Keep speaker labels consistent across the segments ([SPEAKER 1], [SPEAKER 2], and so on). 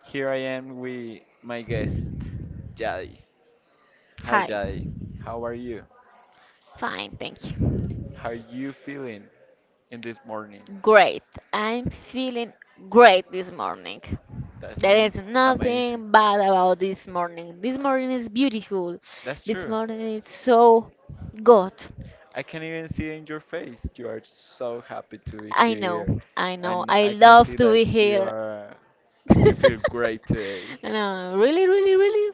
[SPEAKER 1] Here I am with my guest, Jai. Hi,
[SPEAKER 2] Hi.
[SPEAKER 1] Jai. How are you?
[SPEAKER 2] Fine, thank you.
[SPEAKER 1] How are you feeling in this morning?
[SPEAKER 2] Great. I'm feeling great this morning.
[SPEAKER 1] That
[SPEAKER 2] There is
[SPEAKER 1] sounds amazing.
[SPEAKER 2] nothing bad about this morning. This morning is beautiful.
[SPEAKER 1] That's
[SPEAKER 2] This
[SPEAKER 1] true.
[SPEAKER 2] morning is so good.
[SPEAKER 1] I can even see in your face. You are so happy to be
[SPEAKER 2] I
[SPEAKER 1] here,
[SPEAKER 2] know, I know.
[SPEAKER 1] and
[SPEAKER 2] I
[SPEAKER 1] I can
[SPEAKER 2] love
[SPEAKER 1] see
[SPEAKER 2] to
[SPEAKER 1] that
[SPEAKER 2] be
[SPEAKER 1] you
[SPEAKER 2] here.
[SPEAKER 1] are. You
[SPEAKER 2] I
[SPEAKER 1] feel great today.
[SPEAKER 2] know, really, really, really.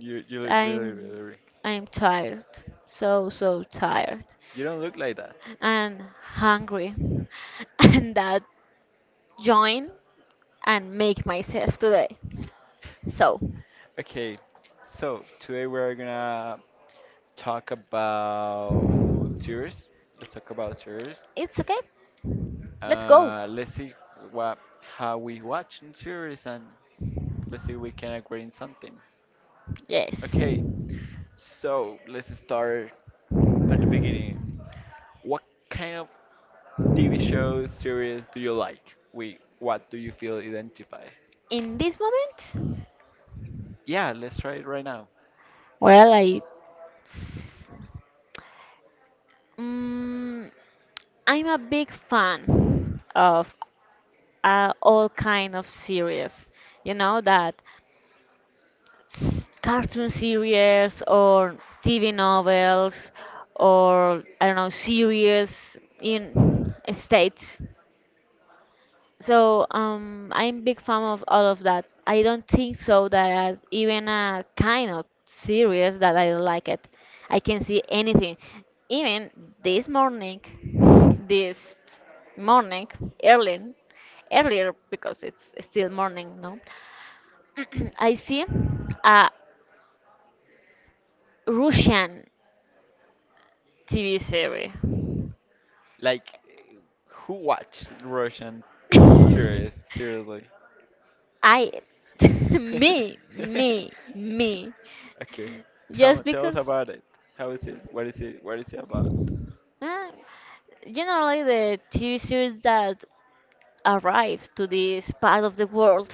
[SPEAKER 1] You look really, really,
[SPEAKER 2] I'm
[SPEAKER 1] really.
[SPEAKER 2] I'm tired, so tired
[SPEAKER 1] You don't look like that.
[SPEAKER 2] and hungry, and that join and make myself today. So
[SPEAKER 1] Okay, so today we're gonna talk about series. Let's talk about series.
[SPEAKER 2] it's okay. Let's go.
[SPEAKER 1] Let's see what how we watch in series, and let's see if we can agree in something.
[SPEAKER 2] Yes.
[SPEAKER 1] Okay, so let's start at the beginning. What kind of TV shows series do you like? We What do you feel identify?
[SPEAKER 2] In this moment,
[SPEAKER 1] Yeah, let's try it right now.
[SPEAKER 2] well, I mm, I'm a big fan of all kind of series, you know that cartoon series or TV novels or I don't know series in states, so I'm big fan of all of that. I don't think so that as even a kind of series that I don't like it. I can see anything. Even this morning, this morning, early, earlier because it's still morning, no? I see a Russian TV series.
[SPEAKER 1] Like, who watched Russian series seriously?
[SPEAKER 2] I me me me
[SPEAKER 1] Okay. Tell
[SPEAKER 2] just
[SPEAKER 1] tell us
[SPEAKER 2] because
[SPEAKER 1] about it. How is it? What is it? What is it about?
[SPEAKER 2] uh, generally the TV series that arrive to this part of the world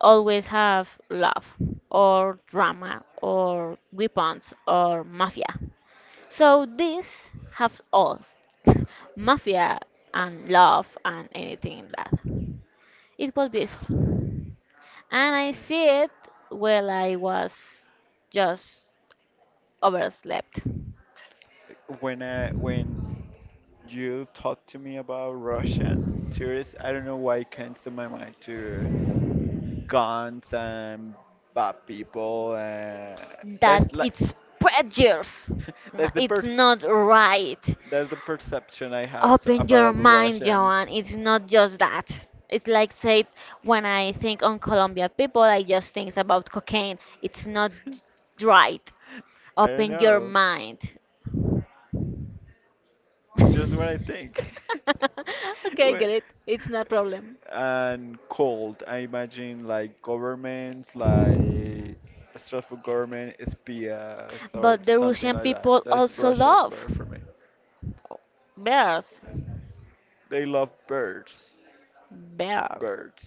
[SPEAKER 2] always have love or drama or weapons or mafia. So this have all mafia and love and anything that. It was beautiful. And I
[SPEAKER 1] Okay.
[SPEAKER 2] see it while I was just overslept.
[SPEAKER 1] When you talk to me about Russian tourists, I don't know why it comes to my mind to guns and bad people.
[SPEAKER 2] That
[SPEAKER 1] That's like
[SPEAKER 2] it's prejudice.
[SPEAKER 1] that's the
[SPEAKER 2] It's
[SPEAKER 1] per
[SPEAKER 2] not right.
[SPEAKER 1] that's the perception I have
[SPEAKER 2] Open your
[SPEAKER 1] about
[SPEAKER 2] mind, Joan.
[SPEAKER 1] Russians.
[SPEAKER 2] It's not just that. It's like said when I think on Colombian people, I just think about cocaine. It's not right.
[SPEAKER 1] I don't
[SPEAKER 2] Open your
[SPEAKER 1] know.
[SPEAKER 2] mind.
[SPEAKER 1] It's just what I think.
[SPEAKER 2] Okay,
[SPEAKER 1] Wait.
[SPEAKER 2] get it. It's not a problem.
[SPEAKER 1] And cold, I imagine like governments, like stressful government, espias, or
[SPEAKER 2] But the
[SPEAKER 1] something
[SPEAKER 2] Russian
[SPEAKER 1] like that.
[SPEAKER 2] people
[SPEAKER 1] That's
[SPEAKER 2] also
[SPEAKER 1] Russia
[SPEAKER 2] love
[SPEAKER 1] bear for me.
[SPEAKER 2] bears,
[SPEAKER 1] They love birds.
[SPEAKER 2] bear,
[SPEAKER 1] Birds.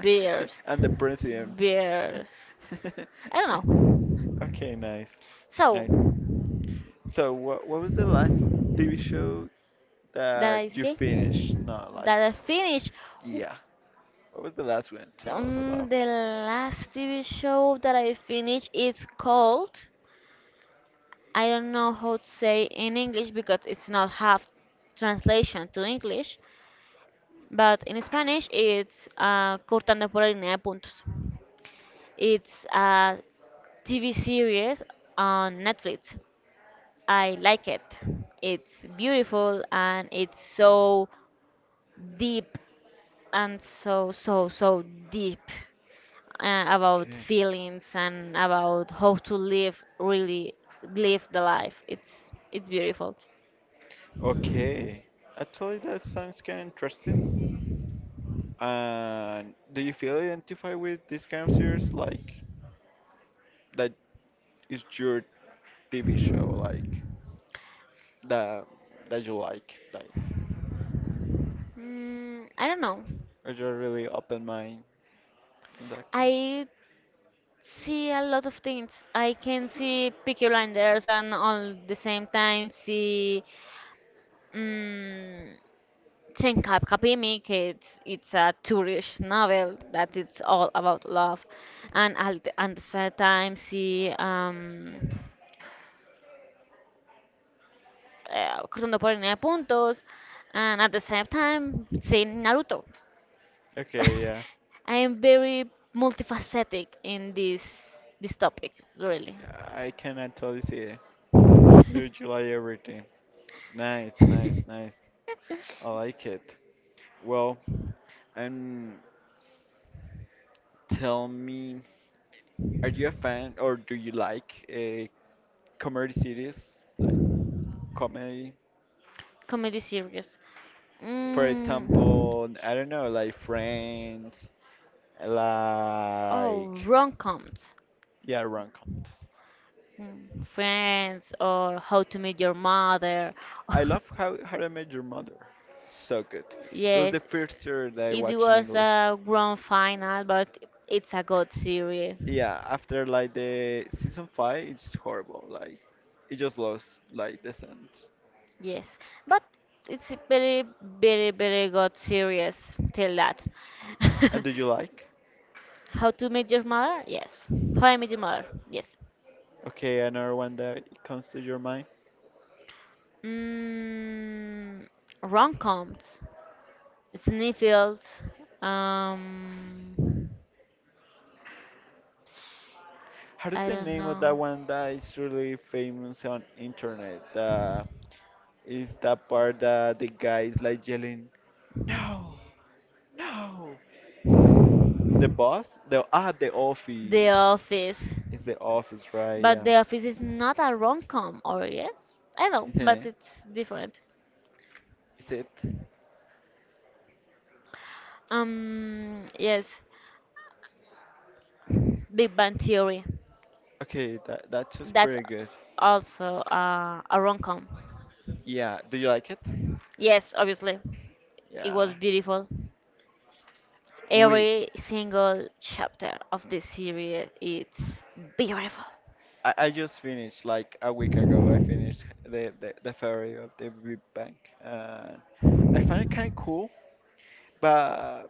[SPEAKER 2] bears,
[SPEAKER 1] And the president.
[SPEAKER 2] bears. I don't know.
[SPEAKER 1] Okay, nice.
[SPEAKER 2] So
[SPEAKER 1] Nice. So, what was the last TV show
[SPEAKER 2] that I
[SPEAKER 1] that you
[SPEAKER 2] see
[SPEAKER 1] finished? No,
[SPEAKER 2] that I
[SPEAKER 1] like,
[SPEAKER 2] finish.
[SPEAKER 1] yeah. What was the last one? Tell us about.
[SPEAKER 2] The last TV show that I finished is called, I don't know how to say in English because it's not half translation to English, but in Spanish it's Cortando por la línea de puntos. It's a TV series on Netflix. I like it. It's beautiful and it's so deep and so, so, so deep about
[SPEAKER 1] Okay.
[SPEAKER 2] feelings and about how to live really live the life. It's beautiful.
[SPEAKER 1] Okay. Actually, that sounds kind of interesting. And do you feel identified with this kind of series? Like that is your TV show, like that that you like,
[SPEAKER 2] I don't know.
[SPEAKER 1] or you're really open mind in that kind.
[SPEAKER 2] I see a lot of things. I can see Peaky Blinders and all the same time see. Mm, Chenkap Kapimik, it's a tourist novel that it's all about love. And at the same time, she cruzando por línea de puntos, and at the same time, seeing Naruto.
[SPEAKER 1] Okay, yeah,
[SPEAKER 2] I am very multifaceted in this topic, really.
[SPEAKER 1] Yeah, I can totally see it. Do you like everything? Nice, nice, nice. I like it. Well, and tell me, are you a fan or do you like comedy series? Like comedy?
[SPEAKER 2] Comedy series.
[SPEAKER 1] For
[SPEAKER 2] Mm.
[SPEAKER 1] example, I don't know, like Friends,
[SPEAKER 2] Oh,
[SPEAKER 1] like.
[SPEAKER 2] rom-coms.
[SPEAKER 1] Yeah, Rom-com.
[SPEAKER 2] Mm, friends or how to meet your mother.
[SPEAKER 1] I love How I Met Your Mother. So good. It was
[SPEAKER 2] Yes,
[SPEAKER 1] the first series that I
[SPEAKER 2] it
[SPEAKER 1] watched in
[SPEAKER 2] was
[SPEAKER 1] English.
[SPEAKER 2] a grand final, but it's a good series.
[SPEAKER 1] Yeah, after like the season five, it's horrible. Like it just lost like the sense.
[SPEAKER 2] Yes, but it's a very, very, very good series till that.
[SPEAKER 1] And do you like?
[SPEAKER 2] How to meet your mother? Yes. How I met your mother? Yes.
[SPEAKER 1] Okay, another one that comes to your mind.
[SPEAKER 2] Mm, rom-coms. Sniffield. Um,
[SPEAKER 1] How is
[SPEAKER 2] I
[SPEAKER 1] the
[SPEAKER 2] don't
[SPEAKER 1] name of
[SPEAKER 2] know.
[SPEAKER 1] that one that is really famous on internet? Is that part that the guy is like yelling, "No, no!" The boss? The
[SPEAKER 2] The
[SPEAKER 1] office.
[SPEAKER 2] Office.
[SPEAKER 1] It's the office, right?
[SPEAKER 2] But
[SPEAKER 1] Yeah.
[SPEAKER 2] The Office is not a rom-com, or yes? I know,
[SPEAKER 1] Isn't
[SPEAKER 2] but
[SPEAKER 1] it?
[SPEAKER 2] it's different.
[SPEAKER 1] Is it?
[SPEAKER 2] Yes, Big Bang Theory.
[SPEAKER 1] Okay, that's just
[SPEAKER 2] That's
[SPEAKER 1] pretty good.
[SPEAKER 2] also a rom-com.
[SPEAKER 1] Yeah. Do you like it?
[SPEAKER 2] Yes, obviously. It was
[SPEAKER 1] Yeah.
[SPEAKER 2] beautiful.
[SPEAKER 1] We,
[SPEAKER 2] Every single chapter of this series it's beautiful.
[SPEAKER 1] I just finished like a week ago. I finished the theory of the Big Bang, and I find it kind of cool. But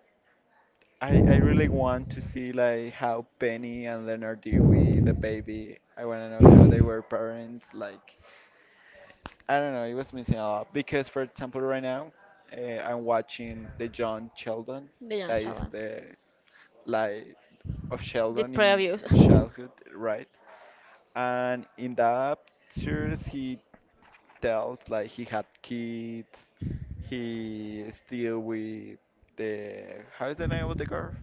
[SPEAKER 1] I really want to see like how Penny and Leonard did with the baby. I want to know how they were parents. Like I don't know, it was missing a lot because for example right now, I'm watching the John Sheldon.
[SPEAKER 2] The young
[SPEAKER 1] That is
[SPEAKER 2] child.
[SPEAKER 1] the life of
[SPEAKER 2] The
[SPEAKER 1] Sheldon in
[SPEAKER 2] previous.
[SPEAKER 1] his childhood, right? And in the pictures, he tells like he had kids, he is still with the, how is the name of the girl?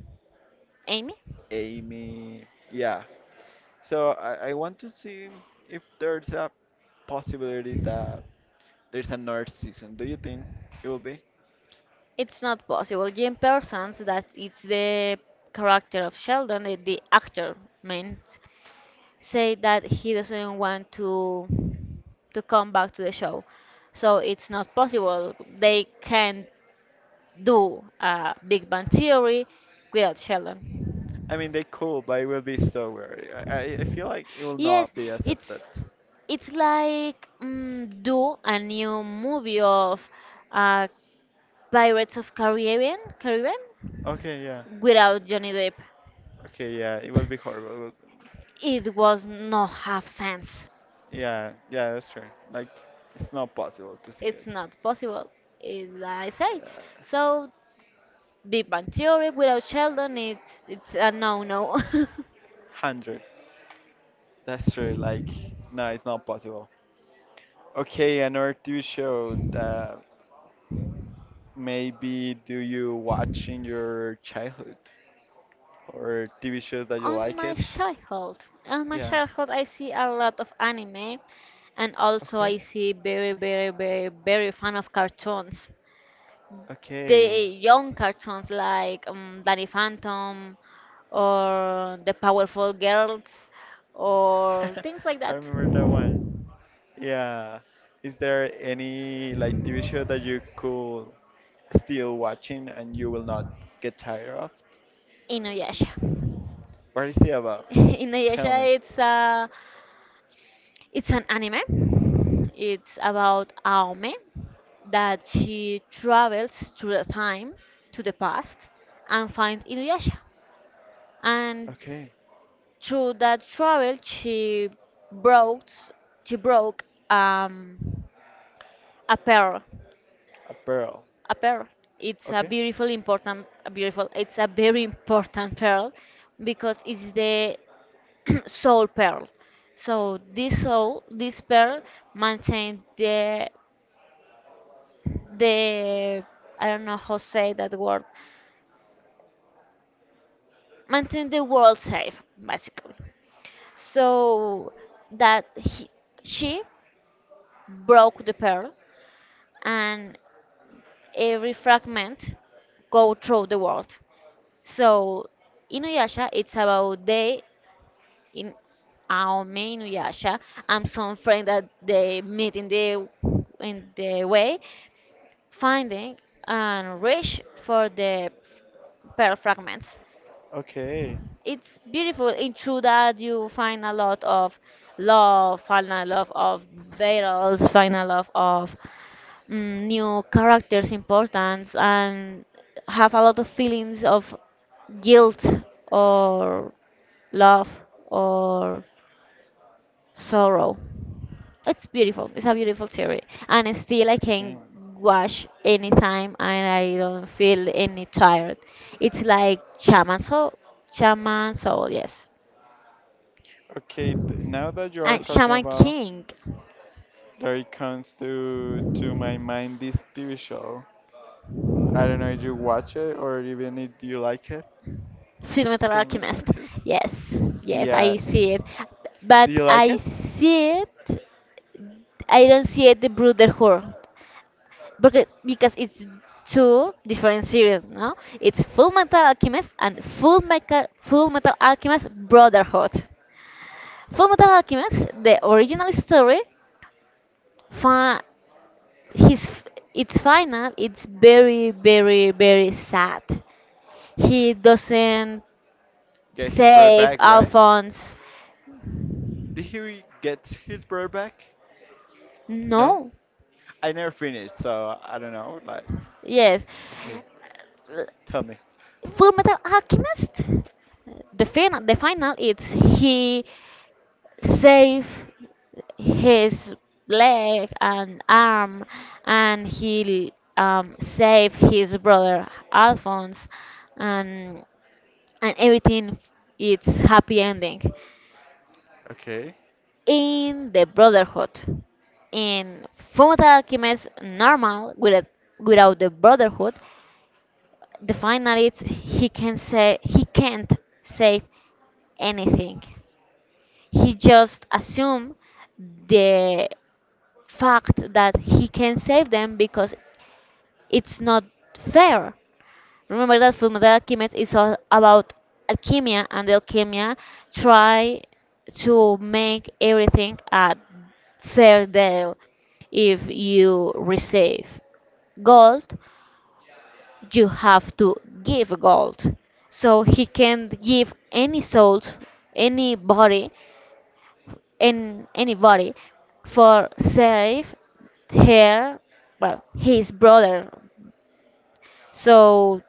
[SPEAKER 2] Amy?
[SPEAKER 1] Amy. Yeah. So I want to see if there's a possibility that there's another season. Do you think it will be
[SPEAKER 2] It's not possible. Jane Parsons, that it's the character of Sheldon, the actor means, say that he doesn't want to come back to the show. So it's not possible. They can't do a Big Bang Theory without Sheldon.
[SPEAKER 1] I mean they could, but it will be so weird. I feel like it will
[SPEAKER 2] Yes,
[SPEAKER 1] not be accepted.
[SPEAKER 2] it's it's like mm, do a new movie of uh, Pirates of Caribbean, Caribbean
[SPEAKER 1] Okay, yeah.
[SPEAKER 2] without Johnny Depp.
[SPEAKER 1] Okay, yeah, it will be horrible.
[SPEAKER 2] It was not half sense.
[SPEAKER 1] Yeah, yeah, that's true. Like, it's not possible to see
[SPEAKER 2] It's
[SPEAKER 1] it.
[SPEAKER 2] not possible, is I say.
[SPEAKER 1] Yeah.
[SPEAKER 2] So Big Bang Theory without Sheldon, it's a no-no.
[SPEAKER 1] 100. That's true. Like, no, it's not possible. Okay, another TV show that maybe do you watch in your childhood or TV shows that you
[SPEAKER 2] On
[SPEAKER 1] like
[SPEAKER 2] my
[SPEAKER 1] it?
[SPEAKER 2] childhood, on my
[SPEAKER 1] Yeah.
[SPEAKER 2] childhood, I see a lot of anime, and also
[SPEAKER 1] Okay.
[SPEAKER 2] I see very, very, very, very fan of cartoons.
[SPEAKER 1] Okay.
[SPEAKER 2] The young cartoons like Danny Phantom or The Powerful Girls or things like
[SPEAKER 1] I
[SPEAKER 2] that.
[SPEAKER 1] remember that one. Yeah. Is there any like TV show that you could still watching and you will not get tired of?
[SPEAKER 2] Inuyasha.
[SPEAKER 1] What is it about? Tell
[SPEAKER 2] Inuyasha,
[SPEAKER 1] me.
[SPEAKER 2] it's a it's an anime. It's about Aome that she travels through the time to the past and finds Inuyasha. And
[SPEAKER 1] Okay,
[SPEAKER 2] through that travel, broke she broke um, a pearl,
[SPEAKER 1] a pearl.
[SPEAKER 2] a pearl. It's a
[SPEAKER 1] Okay.
[SPEAKER 2] beautiful, important, a beautiful. It's a very important pearl because it's the soul pearl. So this soul, this pearl, maintains the, I don't know how to say that word. Maintain the world safe, basically. So that he, she broke the pearl, and every fragment go through the world. So Inuyasha, it's about the in Aome, Inuyasha, and some friend that they meet in the way, finding and reach for the pearl fragments.
[SPEAKER 1] Okay. Okay.
[SPEAKER 2] It's beautiful. It's true that you find a lot of love, find a lot of battles, find a lot of new characters' importance, and have a lot of feelings of guilt or love or sorrow. It's beautiful. It's a beautiful theory. And still I can watch anytime and I don't feel any tired. It's like Shaman Soul. Shaman Soul, yes.
[SPEAKER 1] Okay, now that you are
[SPEAKER 2] And
[SPEAKER 1] talking
[SPEAKER 2] Shaman
[SPEAKER 1] about,
[SPEAKER 2] King.
[SPEAKER 1] there it comes to my mind this TV show. I don't know if you watch it or even if you like it.
[SPEAKER 2] Full Metal
[SPEAKER 1] Full Metal
[SPEAKER 2] Alchemist.
[SPEAKER 1] Alchemist.
[SPEAKER 2] Yes. Yes,
[SPEAKER 1] Yeah,
[SPEAKER 2] I see it. But
[SPEAKER 1] do you like
[SPEAKER 2] I
[SPEAKER 1] it?
[SPEAKER 2] see it I don't see it the brotherhood, because it's two different series, no? It's Full Metal Alchemist and Full Metal Alchemist Brotherhood. Full Metal Alchemist, the original story, fi- his its final, it's very very very sad. He doesn't
[SPEAKER 1] Get his brother
[SPEAKER 2] save
[SPEAKER 1] back, right?
[SPEAKER 2] Alphonse.
[SPEAKER 1] Did he get his brother back? No?
[SPEAKER 2] No.
[SPEAKER 1] I never finished, so I don't know. Like,
[SPEAKER 2] Yes.
[SPEAKER 1] okay, tell me.
[SPEAKER 2] Full Metal Alchemist. The final, it's he save his leg and arm and he save his brother Alphonse, and and everything it's happy ending
[SPEAKER 1] Okay.
[SPEAKER 2] in the brotherhood. In Fullmetal Alchemist normal, without without the brotherhood, the final is he can't save anything. He just assume the fact that he can save them because it's not fair. Remember that Fullmetal Alchemist is all about alchemy, and the alchemy try to make everything a fair deal. If you receive gold, you have to give gold. So he can give any soul, any body in anybody for save her well his brother. So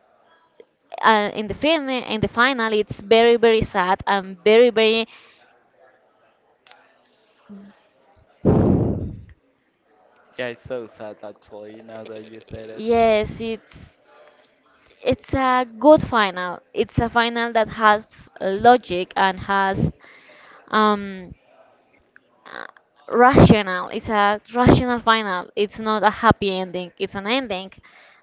[SPEAKER 2] in the film, in the final, it's very very sad and very very
[SPEAKER 1] Yeah, it's so sad actually, now that you said it.
[SPEAKER 2] yes, it's a good final. It's a final that has logic and has um uh, rational. It's a rational final. It's not a happy ending. It's an ending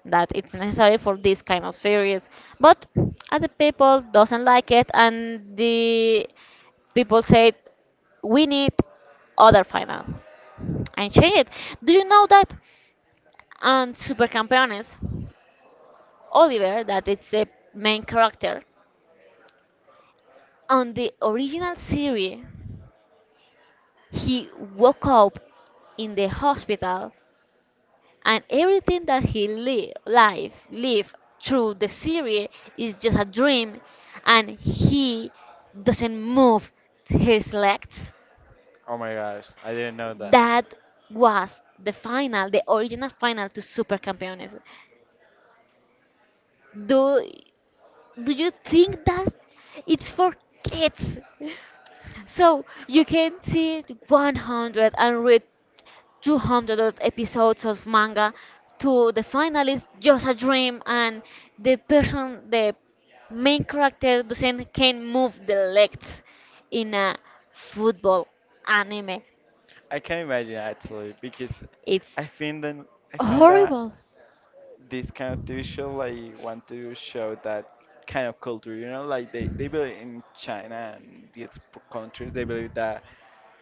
[SPEAKER 2] that it's necessary for this kind of series. But other people doesn't like it, and the people said we need other final and change it. Do you know that on Super Campeones, Oliver, that it's the main character, on the original series, he woke up in the hospital and everything that life live through the series is just a dream, and he doesn't move his legs.
[SPEAKER 1] Oh my gosh, I didn't know that.
[SPEAKER 2] That was the final, the original final to Super Campeones. do do you think that it's for kids, so you can see it 100 and read 200 odd episodes of manga, to the final is just a dream and the person the main character doesn't can move the legs in a football anime.
[SPEAKER 1] I can imagine actually because
[SPEAKER 2] It's
[SPEAKER 1] I think then I find that
[SPEAKER 2] horrible.
[SPEAKER 1] this kind of TV show like want to show that kind of culture, you know, like they believe in China and these countries they believe that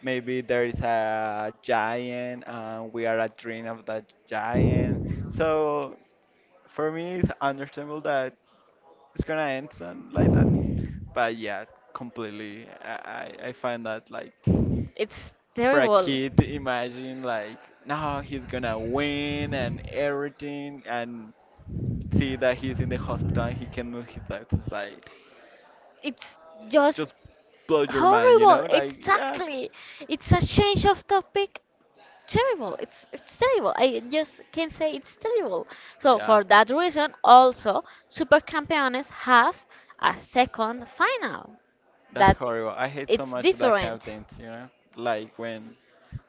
[SPEAKER 1] maybe there is a giant and we are a dream of that giant. So for me it's understandable that it's gonna end soon like that. But yeah, completely I find that like
[SPEAKER 2] It's
[SPEAKER 1] for a
[SPEAKER 2] terrible.
[SPEAKER 1] kid to imagine like no he's gonna win and everything and see that he's in the hospital and he can move his legs it's like
[SPEAKER 2] It's just
[SPEAKER 1] just blow your mind, you
[SPEAKER 2] horrible.
[SPEAKER 1] know, like, yeah.
[SPEAKER 2] Exactly. It's a change of topic. Terrible. It's terrible. I just can say it's terrible. So
[SPEAKER 1] Yeah,
[SPEAKER 2] for that reason, also Super Campeones have a second final.
[SPEAKER 1] that's
[SPEAKER 2] That
[SPEAKER 1] horrible. I hate so
[SPEAKER 2] it's
[SPEAKER 1] much that kind of
[SPEAKER 2] different.
[SPEAKER 1] things, you know, like when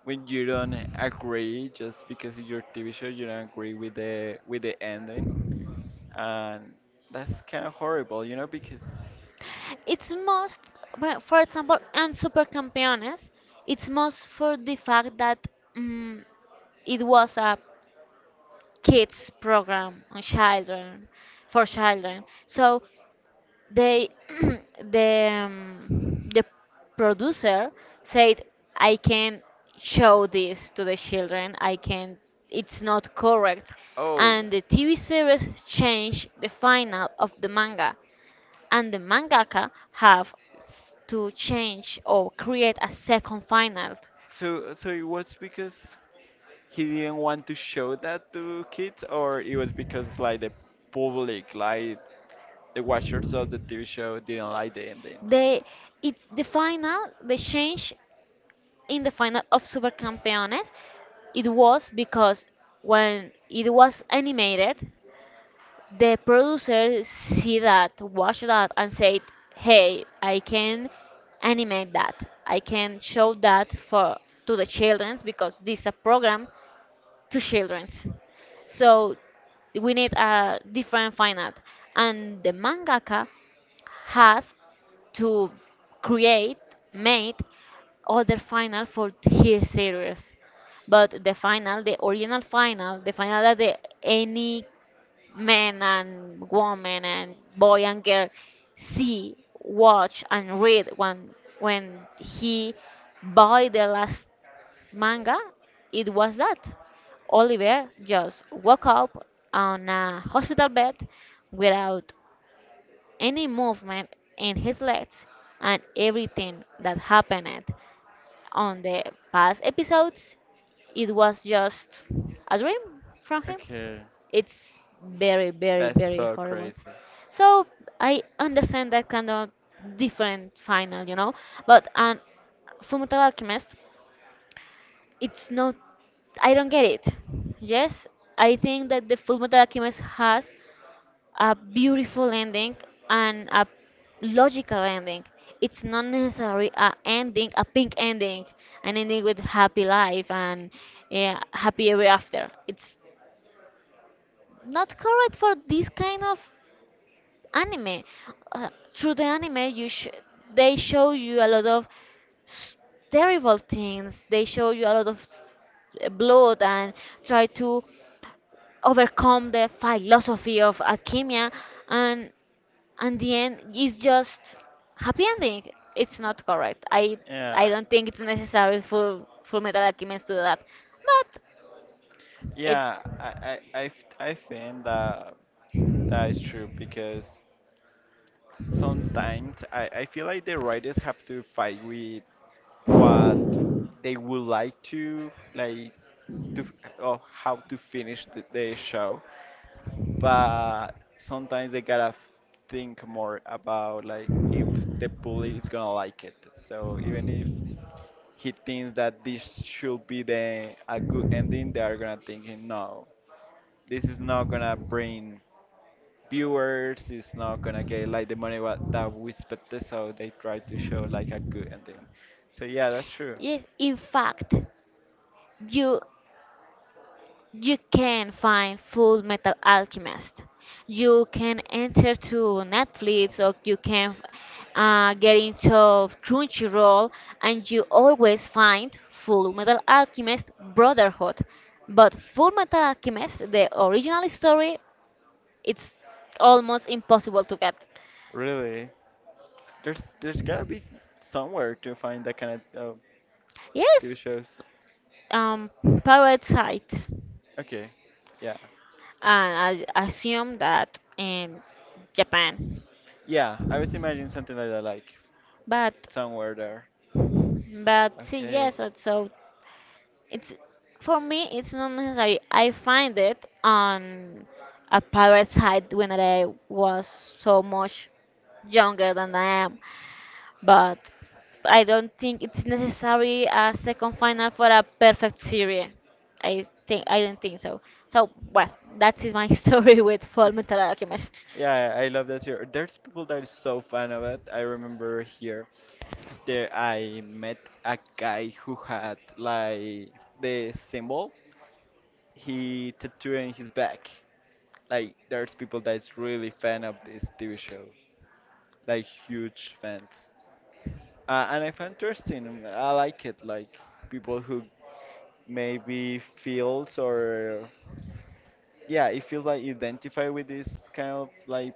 [SPEAKER 1] you don't agree just because it's your TV show, you don't agree with the ending, and that's kind of horrible, you know, because.
[SPEAKER 2] It's most, well, for example, and Super Campeones, it's most for the fact that mm, it was a kids program on children, for children, so they the producer said I can show this to the children, I can, it's not correct,
[SPEAKER 1] Oh.
[SPEAKER 2] and the TV series changed the final of the manga, and the mangaka have to change or create a second final.
[SPEAKER 1] So, it was because he didn't want to show that to kids, or it was because like the public, like the watchers of the TV show, didn't like the ending.
[SPEAKER 2] They it's the final they change. In the final of Super Campeones, it was because when it was animated, the producer see that, watch that, and said, "Hey, I can animate that. I can show that for to the childrens, because this is a program to childrens." So we need a different final, and the mangaka has to create, made other final for his series. But the final, the original final, the final that the, any man and woman and boy and girl see, watch and read when he buy the last manga, it was that. Oliver just woke up on a hospital bed without any movement in his legs, and everything that happened on the past episodes it was just a dream from him.
[SPEAKER 1] Okay,
[SPEAKER 2] It's very very
[SPEAKER 1] that's
[SPEAKER 2] very
[SPEAKER 1] so
[SPEAKER 2] horrible.
[SPEAKER 1] crazy.
[SPEAKER 2] So I understand that kind of different final, you know, but and Fullmetal Alchemist it's not, I don't get it. Yes, I think that the Fullmetal Alchemist has a beautiful ending and a logical ending. It's not necessarily a ending, a pink ending, an ending with happy life and yeah, happy ever after. It's not correct for this kind of anime. Uh, Through the anime, they show you a lot of s- terrible things. They show you a lot of blood and try to overcome the philosophy of alchemy, and and the end is just happy ending. It's not correct. I
[SPEAKER 1] Yeah,
[SPEAKER 2] don't think it's necessary for Metal Alchemist to do that, but
[SPEAKER 1] yeah,
[SPEAKER 2] it's
[SPEAKER 1] I I think that that is true because sometimes I feel like the writers have to fight with what they would like to to f- or how to finish the show, but sometimes they gotta think more about like if the bully is gonna like it, so even if he thinks that this should be the a good ending, they are gonna think no, this is not gonna bring viewers, is not gonna get like the money what that we expected, so they try to show like a good ending. So yeah, that's true.
[SPEAKER 2] yes. In fact, you you can find Full Metal Alchemist. You can enter to Netflix, or you can get into Crunchyroll, and you always find Full Metal Alchemist Brotherhood. But Full Metal Alchemist, the original story, it's almost impossible to get.
[SPEAKER 1] Really, there's gotta be somewhere to find that kind of TV
[SPEAKER 2] Yes,
[SPEAKER 1] shows.
[SPEAKER 2] um, parasites,
[SPEAKER 1] Okay, yeah,
[SPEAKER 2] and I assume that in Japan.
[SPEAKER 1] yeah, I was imagining something like that, like
[SPEAKER 2] But
[SPEAKER 1] somewhere there.
[SPEAKER 2] But see,
[SPEAKER 1] Okay.
[SPEAKER 2] yes, so it's for me, it's not necessary. I find it on a parasite when I was so much younger than I am, but I don't think it's necessary a second final for a perfect series. I think I don't think so. So well, that is my story with Full Metal Alchemist.
[SPEAKER 1] Yeah, I love that here. There's people that are so fan of it. I remember here there I met a guy who had like the symbol. He tattooing his back. Like there's people that's really fan of this TV show, like huge fans. And I find interesting. I like it. Like people who maybe feels or yeah, it feels like identify with this kind of like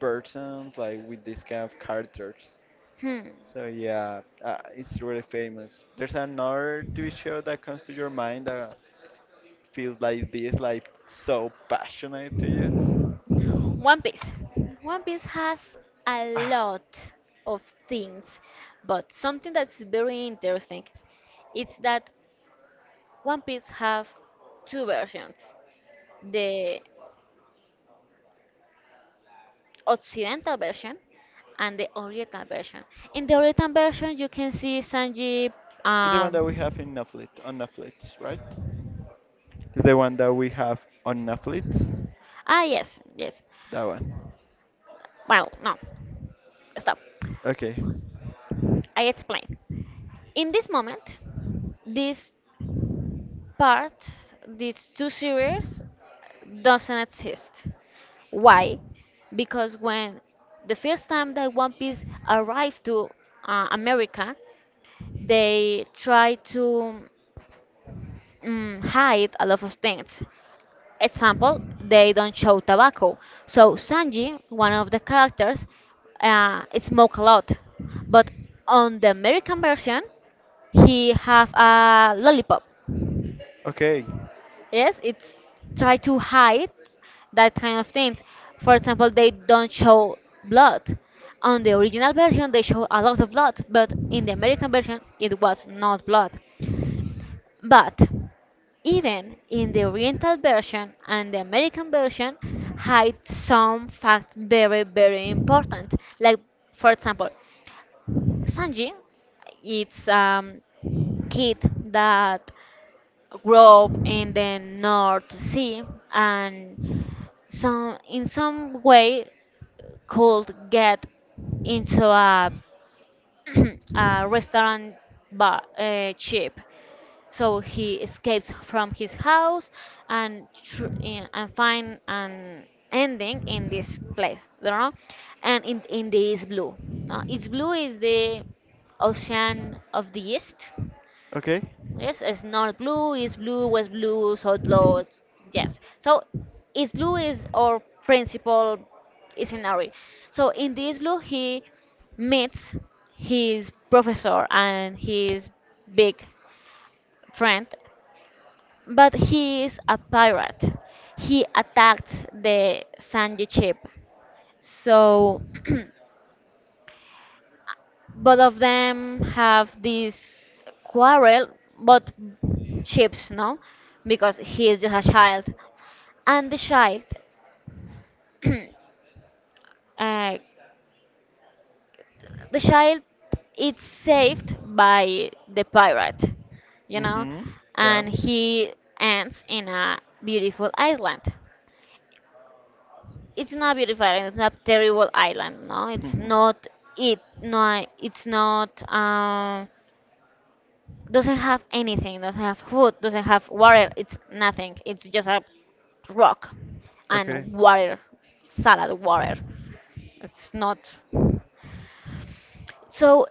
[SPEAKER 1] person, like with this kind of characters.
[SPEAKER 2] Hmm.
[SPEAKER 1] So yeah, it's really famous. There's another TV show that comes to your mind that feels like this, like so passionate to you.
[SPEAKER 2] One Piece. One Piece has a
[SPEAKER 1] Ah,
[SPEAKER 2] lot of things, but something that's very interesting it's that One Piece have two versions, the Occidental version and the Oriental version. In the Oriental version, you can see Sanji.
[SPEAKER 1] it's the one that we have
[SPEAKER 2] Um,
[SPEAKER 1] on Netflix, right? It's the one that we have on Netflix.
[SPEAKER 2] ah, yes, yes.
[SPEAKER 1] That one.
[SPEAKER 2] Well, no, stop.
[SPEAKER 1] Okay.
[SPEAKER 2] I explain. In this moment, this part, these two series doesn't exist. Why? Because when the first time that One Piece arrived to America, they try to hide a lot of things. Example, they don't show tobacco. So Sanji, one of the characters, smoke a lot, but on the American version, he have a lollipop.
[SPEAKER 1] Okay.
[SPEAKER 2] Yes, it's try to hide that kind of things. For example, they don't show blood. On the original version, they show a lot of blood, but in the American version, it was not blood. But even in the Oriental version and the American version, hide some facts very, very important. Like, for example, Sanji, it's kid that grew up in the North Sea and some in some way could get into a, a restaurant bar, ship. So he escapes from his house and and find an ending in this place, you know, and in the East Blue. No, East Blue is the ocean of the East.
[SPEAKER 1] Okay.
[SPEAKER 2] Yes, it's not blue, is blue, west blue, south blue. Yes. So is blue is our principal scenario. So in this blue he meets his professor and his big friend, but he is a pirate. He attacked the Sanji ship. So both of them have this quarrel but ships no, because he is just a child, and the child uh, the child is saved by the pirate, you know,
[SPEAKER 1] Mm-hmm. Yeah.
[SPEAKER 2] and he ends in a beautiful island. It's not beautiful island, it's not terrible island, no, it's not it, no, it's not, doesn't have anything, doesn't have food, doesn't have water. It's nothing. It's just a rock
[SPEAKER 1] Okay.
[SPEAKER 2] and water, salad water. It's not. So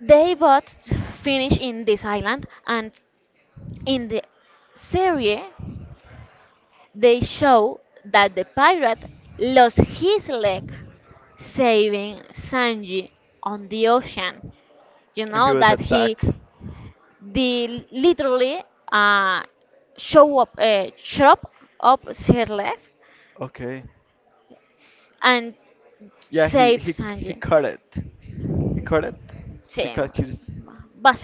[SPEAKER 2] they both finish in this island, and in the series, they show that the pirate lost his leg saving Sanji on the ocean. You
[SPEAKER 1] And he
[SPEAKER 2] know
[SPEAKER 1] was
[SPEAKER 2] that he
[SPEAKER 1] attacked.
[SPEAKER 2] They literally uh, show up, chop up her leg
[SPEAKER 1] Okay.
[SPEAKER 2] and
[SPEAKER 1] Yeah, he
[SPEAKER 2] save
[SPEAKER 1] he he
[SPEAKER 2] Sanji.
[SPEAKER 1] caught it. He caught it. He
[SPEAKER 2] She,
[SPEAKER 1] caught his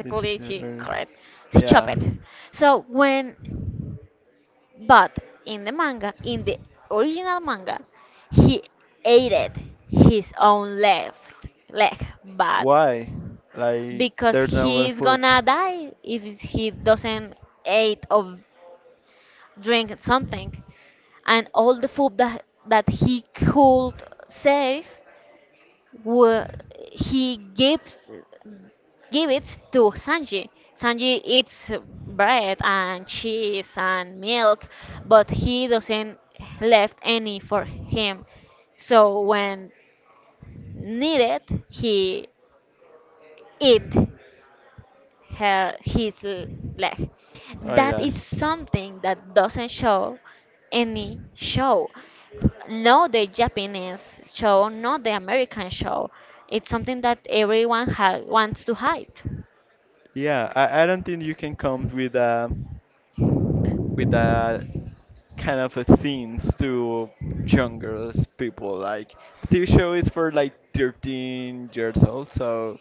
[SPEAKER 1] his.
[SPEAKER 2] she cried. She chopped
[SPEAKER 1] Yeah.
[SPEAKER 2] it. So when, but in the manga, in the original manga, he ate it, his own left leg, but
[SPEAKER 1] Why? Like
[SPEAKER 2] because
[SPEAKER 1] there's no good
[SPEAKER 2] he's
[SPEAKER 1] food.
[SPEAKER 2] gonna die if he doesn't eat or drink something. And all the food that he could save were, he gives give it to Sanji. Sanji eats bread and cheese and milk, but he doesn't left any for him. So when needed, he eat her his leg.
[SPEAKER 1] Oh my
[SPEAKER 2] That is
[SPEAKER 1] gosh.
[SPEAKER 2] something that doesn't show any show. No, the Japanese show, not the American show. It's something that everyone wants to hide.
[SPEAKER 1] Yeah, I don't think you can come with that kind of a scenes to younger people. Like the TV show is for like 13 years old, so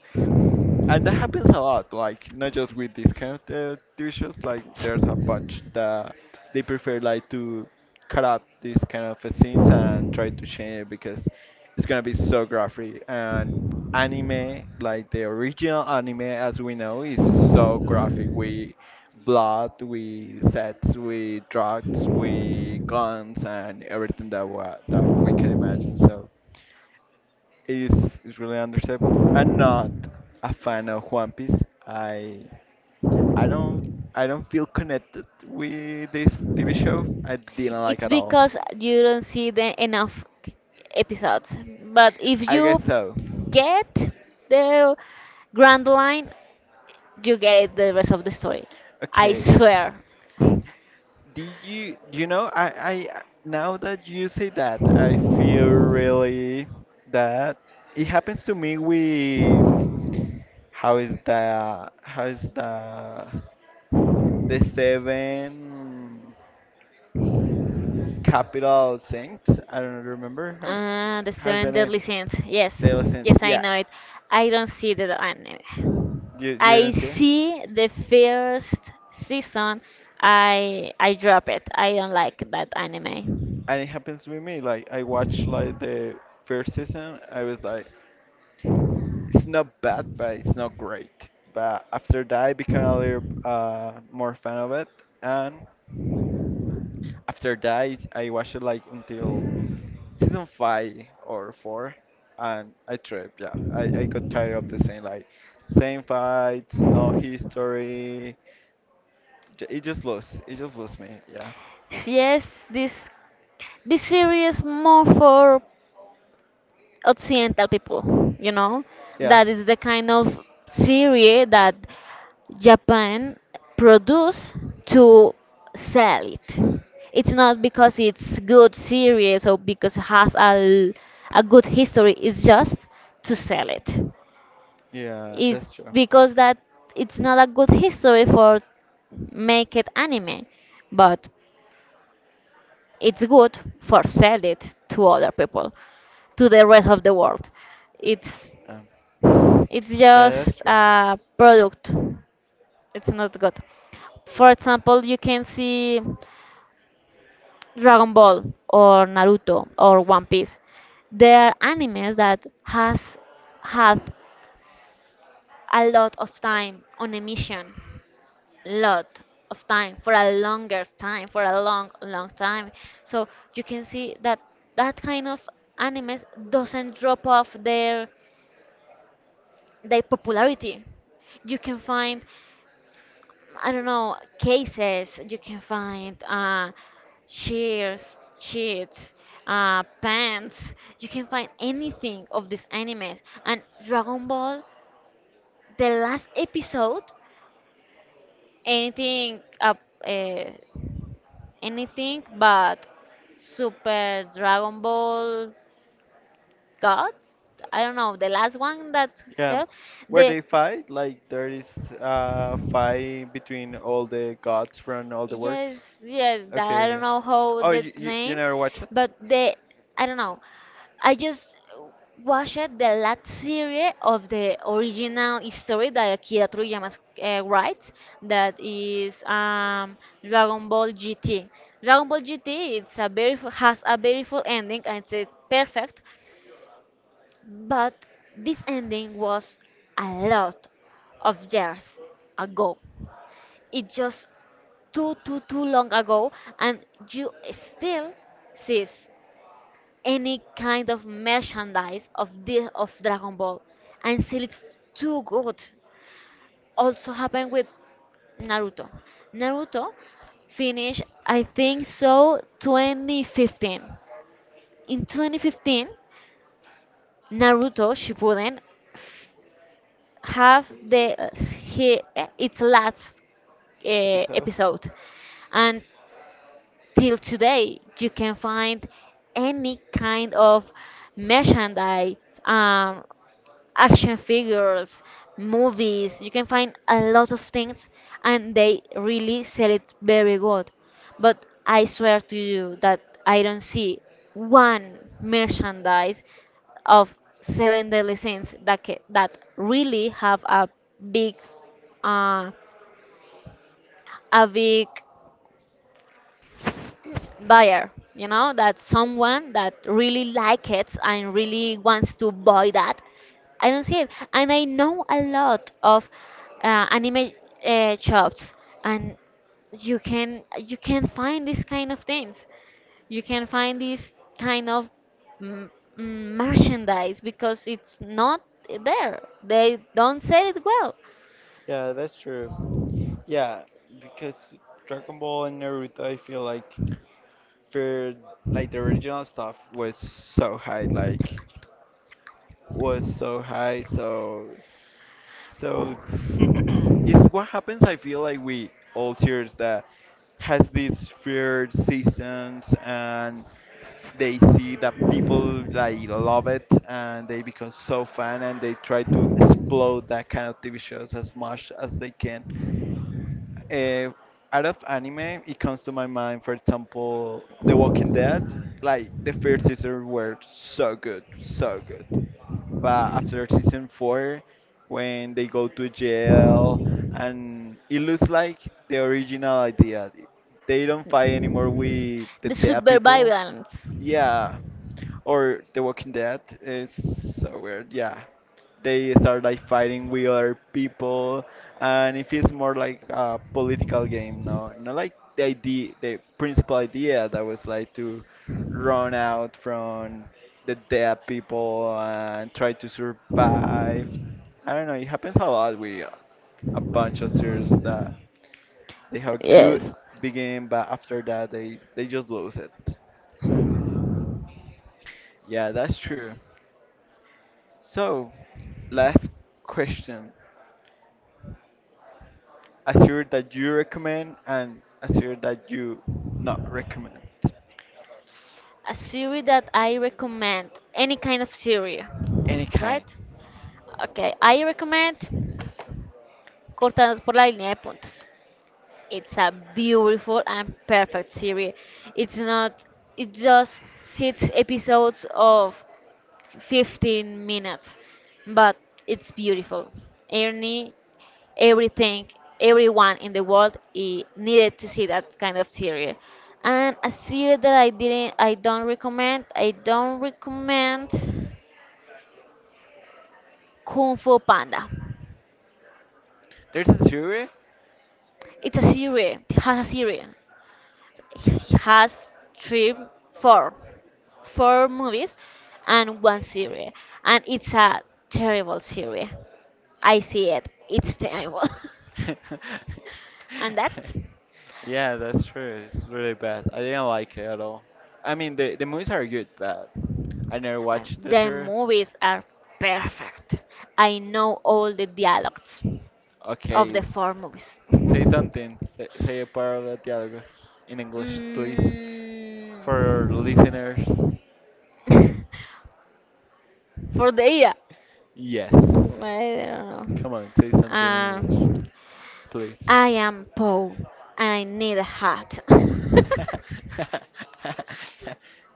[SPEAKER 1] and that happens a lot like not just with this kind of dishes like there's a bunch that they prefer like to cut up these kind of scenes and try to change it because it's gonna be so graphic and anime like the original anime as we know is so graphic we blood we sets we drugs we guns and everything that that we can imagine so is really understandable. I'm not a fan of One Piece. I I don't I don't feel connected with this TV show. I didn't like
[SPEAKER 2] It's
[SPEAKER 1] at all.
[SPEAKER 2] because you don't see the enough episodes. But if
[SPEAKER 1] I
[SPEAKER 2] you
[SPEAKER 1] guess so.
[SPEAKER 2] get the grand line, you get the rest of the story. I
[SPEAKER 1] Okay.
[SPEAKER 2] swear.
[SPEAKER 1] Did you you know I now that you say that I feel really that it happens to me with how is the seven Capital Saints. I don't remember.
[SPEAKER 2] Ah, the
[SPEAKER 1] How's the
[SPEAKER 2] Seven
[SPEAKER 1] name?
[SPEAKER 2] Deadly Sins. Yes,
[SPEAKER 1] Daily Saints.
[SPEAKER 2] yes, I
[SPEAKER 1] Yeah.
[SPEAKER 2] know it. I don't see the anime.
[SPEAKER 1] You
[SPEAKER 2] I
[SPEAKER 1] didn't see it?
[SPEAKER 2] see the first season. I drop it. I don't like that anime.
[SPEAKER 1] And it happens with me. Like, I watched, like, the first season. I was like, it's not bad, but it's not great. But after that, I became a little more fan of it. And after that, I watched it, like, until season five or four, and I tripped. Yeah, I got tired of the same like same fights, no history. It just lost. It just lost me. Yeah,
[SPEAKER 2] Yes, this series more for Occidental people, you know?
[SPEAKER 1] yeah,
[SPEAKER 2] That is the kind of series that Japan produce to sell it. It's not because it's good series or because it has a good history, it's just to sell it.
[SPEAKER 1] yeah. That's
[SPEAKER 2] It's
[SPEAKER 1] true.
[SPEAKER 2] because that it's not a good history for make it anime, but it's good for sell it to other people, to the rest of the world. It's
[SPEAKER 1] Um,
[SPEAKER 2] it's
[SPEAKER 1] yeah, that's
[SPEAKER 2] just
[SPEAKER 1] true.
[SPEAKER 2] a product. It's not good. For example, you can see Dragon Ball or Naruto or One Piece. They are animes that has had a lot of time on a mission. Lot of time for a longer time, for a long, long time. So you can see that that kind of animes doesn't drop off their popularity. You can find I don't know, cases you can find, shears, sheets, pants. You can find anything of these animes. And Dragon Ball, the last episode, anything, uh, anything but Super Dragon Ball Gods. I don't know, the last one that,
[SPEAKER 1] Yeah, where
[SPEAKER 2] the
[SPEAKER 1] they fight, like there is fight between all the gods from all the works.
[SPEAKER 2] Yes, yes, that
[SPEAKER 1] Okay,
[SPEAKER 2] I don't
[SPEAKER 1] okay.
[SPEAKER 2] know how
[SPEAKER 1] Oh, you,
[SPEAKER 2] that's
[SPEAKER 1] you, you
[SPEAKER 2] name,
[SPEAKER 1] never watch it?
[SPEAKER 2] but the I don't know. I just watched the last series of the original story that Akira Toriyama writes. That is Dragon Ball GT. Dragon Ball GT it's a very has a beautiful ending and it's perfect, but this ending was a lot of years ago. It just too long ago and you still sees any kind of merchandise of the of Dragon Ball and still it's too good. Also happened with Naruto. Naruto finished I think so 2015. In 2015 Naruto Shippuden f- have the its last
[SPEAKER 1] Episode?
[SPEAKER 2] episode, and till today, you can find any kind of merchandise, um, action figures, movies. You can find a lot of things, and they really sell it very good. But I swear to you that I don't see one merchandise of Seven Deadly Sins that that really have a big, uh, a big buyer, you know, that someone that really likes it and really wants to buy that. I don't see it, and I know a lot of anime shops, and you can find this kind of things, you can find this kind of m- merchandise because it's not there, they don't sell it well.
[SPEAKER 1] Yeah, that's true. Yeah, because Dragon Ball and Naruto, I feel like for like the original stuff was so high, like was so high, So. It's what happens. I feel like we all series that has these weird seasons and they see that people like love it and they become so fan and they try to explode that kind of TV shows as much as they can. Uh, out of anime, it comes to my mind, for example, The Walking Dead. Like the first season were so good, so good. But after season four, when they go to jail, and it looks like the original idea, they don't fight anymore with the
[SPEAKER 2] The
[SPEAKER 1] dead people.
[SPEAKER 2] supervivalence,
[SPEAKER 1] Yeah, or The Walking Dead. It's so weird. Yeah, they start like fighting with other people, and it feels more like a political game. No, not like the idea, the principal idea that was like to run out from the dead people and try to survive. I don't know. It happens a lot with a bunch of series that they have a good
[SPEAKER 2] yes.
[SPEAKER 1] beginning, but after that they just lose it. Yeah, that's true. So, last question. A Azure that you recommend and a Azure that you not recommend.
[SPEAKER 2] A series that I recommend, any kind of series,
[SPEAKER 1] Any kind.
[SPEAKER 2] right? Okay, I recommend Cortados por la línea de puntos. It's a beautiful and perfect series. It's not, it's just six episodes of 15 minutes, but it's beautiful. Ernie, everything, everyone in the world needed to see that kind of series. And a series that I didn't, I don't recommend. I don't recommend Kung Fu Panda.
[SPEAKER 1] There's a Azure.
[SPEAKER 2] It's a series. It has a series. It has three, four, four movies, and one series. And it's a terrible series. I see it. It's terrible. And that's
[SPEAKER 1] Yeah, that's true. It's really bad. I didn't like it at all. I mean, the movies are good, but I never watched the
[SPEAKER 2] their
[SPEAKER 1] series.
[SPEAKER 2] movies are perfect. I know all the dialogues of the
[SPEAKER 1] Okay,
[SPEAKER 2] four movies.
[SPEAKER 1] say something. Say a part of that dialogue in English, please, for our
[SPEAKER 2] Mm.
[SPEAKER 1] listeners.
[SPEAKER 2] For the year,
[SPEAKER 1] Yes.
[SPEAKER 2] I don't
[SPEAKER 1] Come on, say
[SPEAKER 2] know.
[SPEAKER 1] something in English,
[SPEAKER 2] Um,
[SPEAKER 1] please.
[SPEAKER 2] I am poor and I need a hat.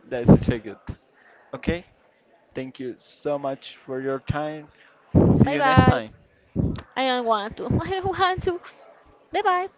[SPEAKER 1] That's such a good. Okay, thank you so much for your time. See
[SPEAKER 2] Bye
[SPEAKER 1] you next
[SPEAKER 2] bye.
[SPEAKER 1] time.
[SPEAKER 2] I don't want to. I don't want to. Bye bye.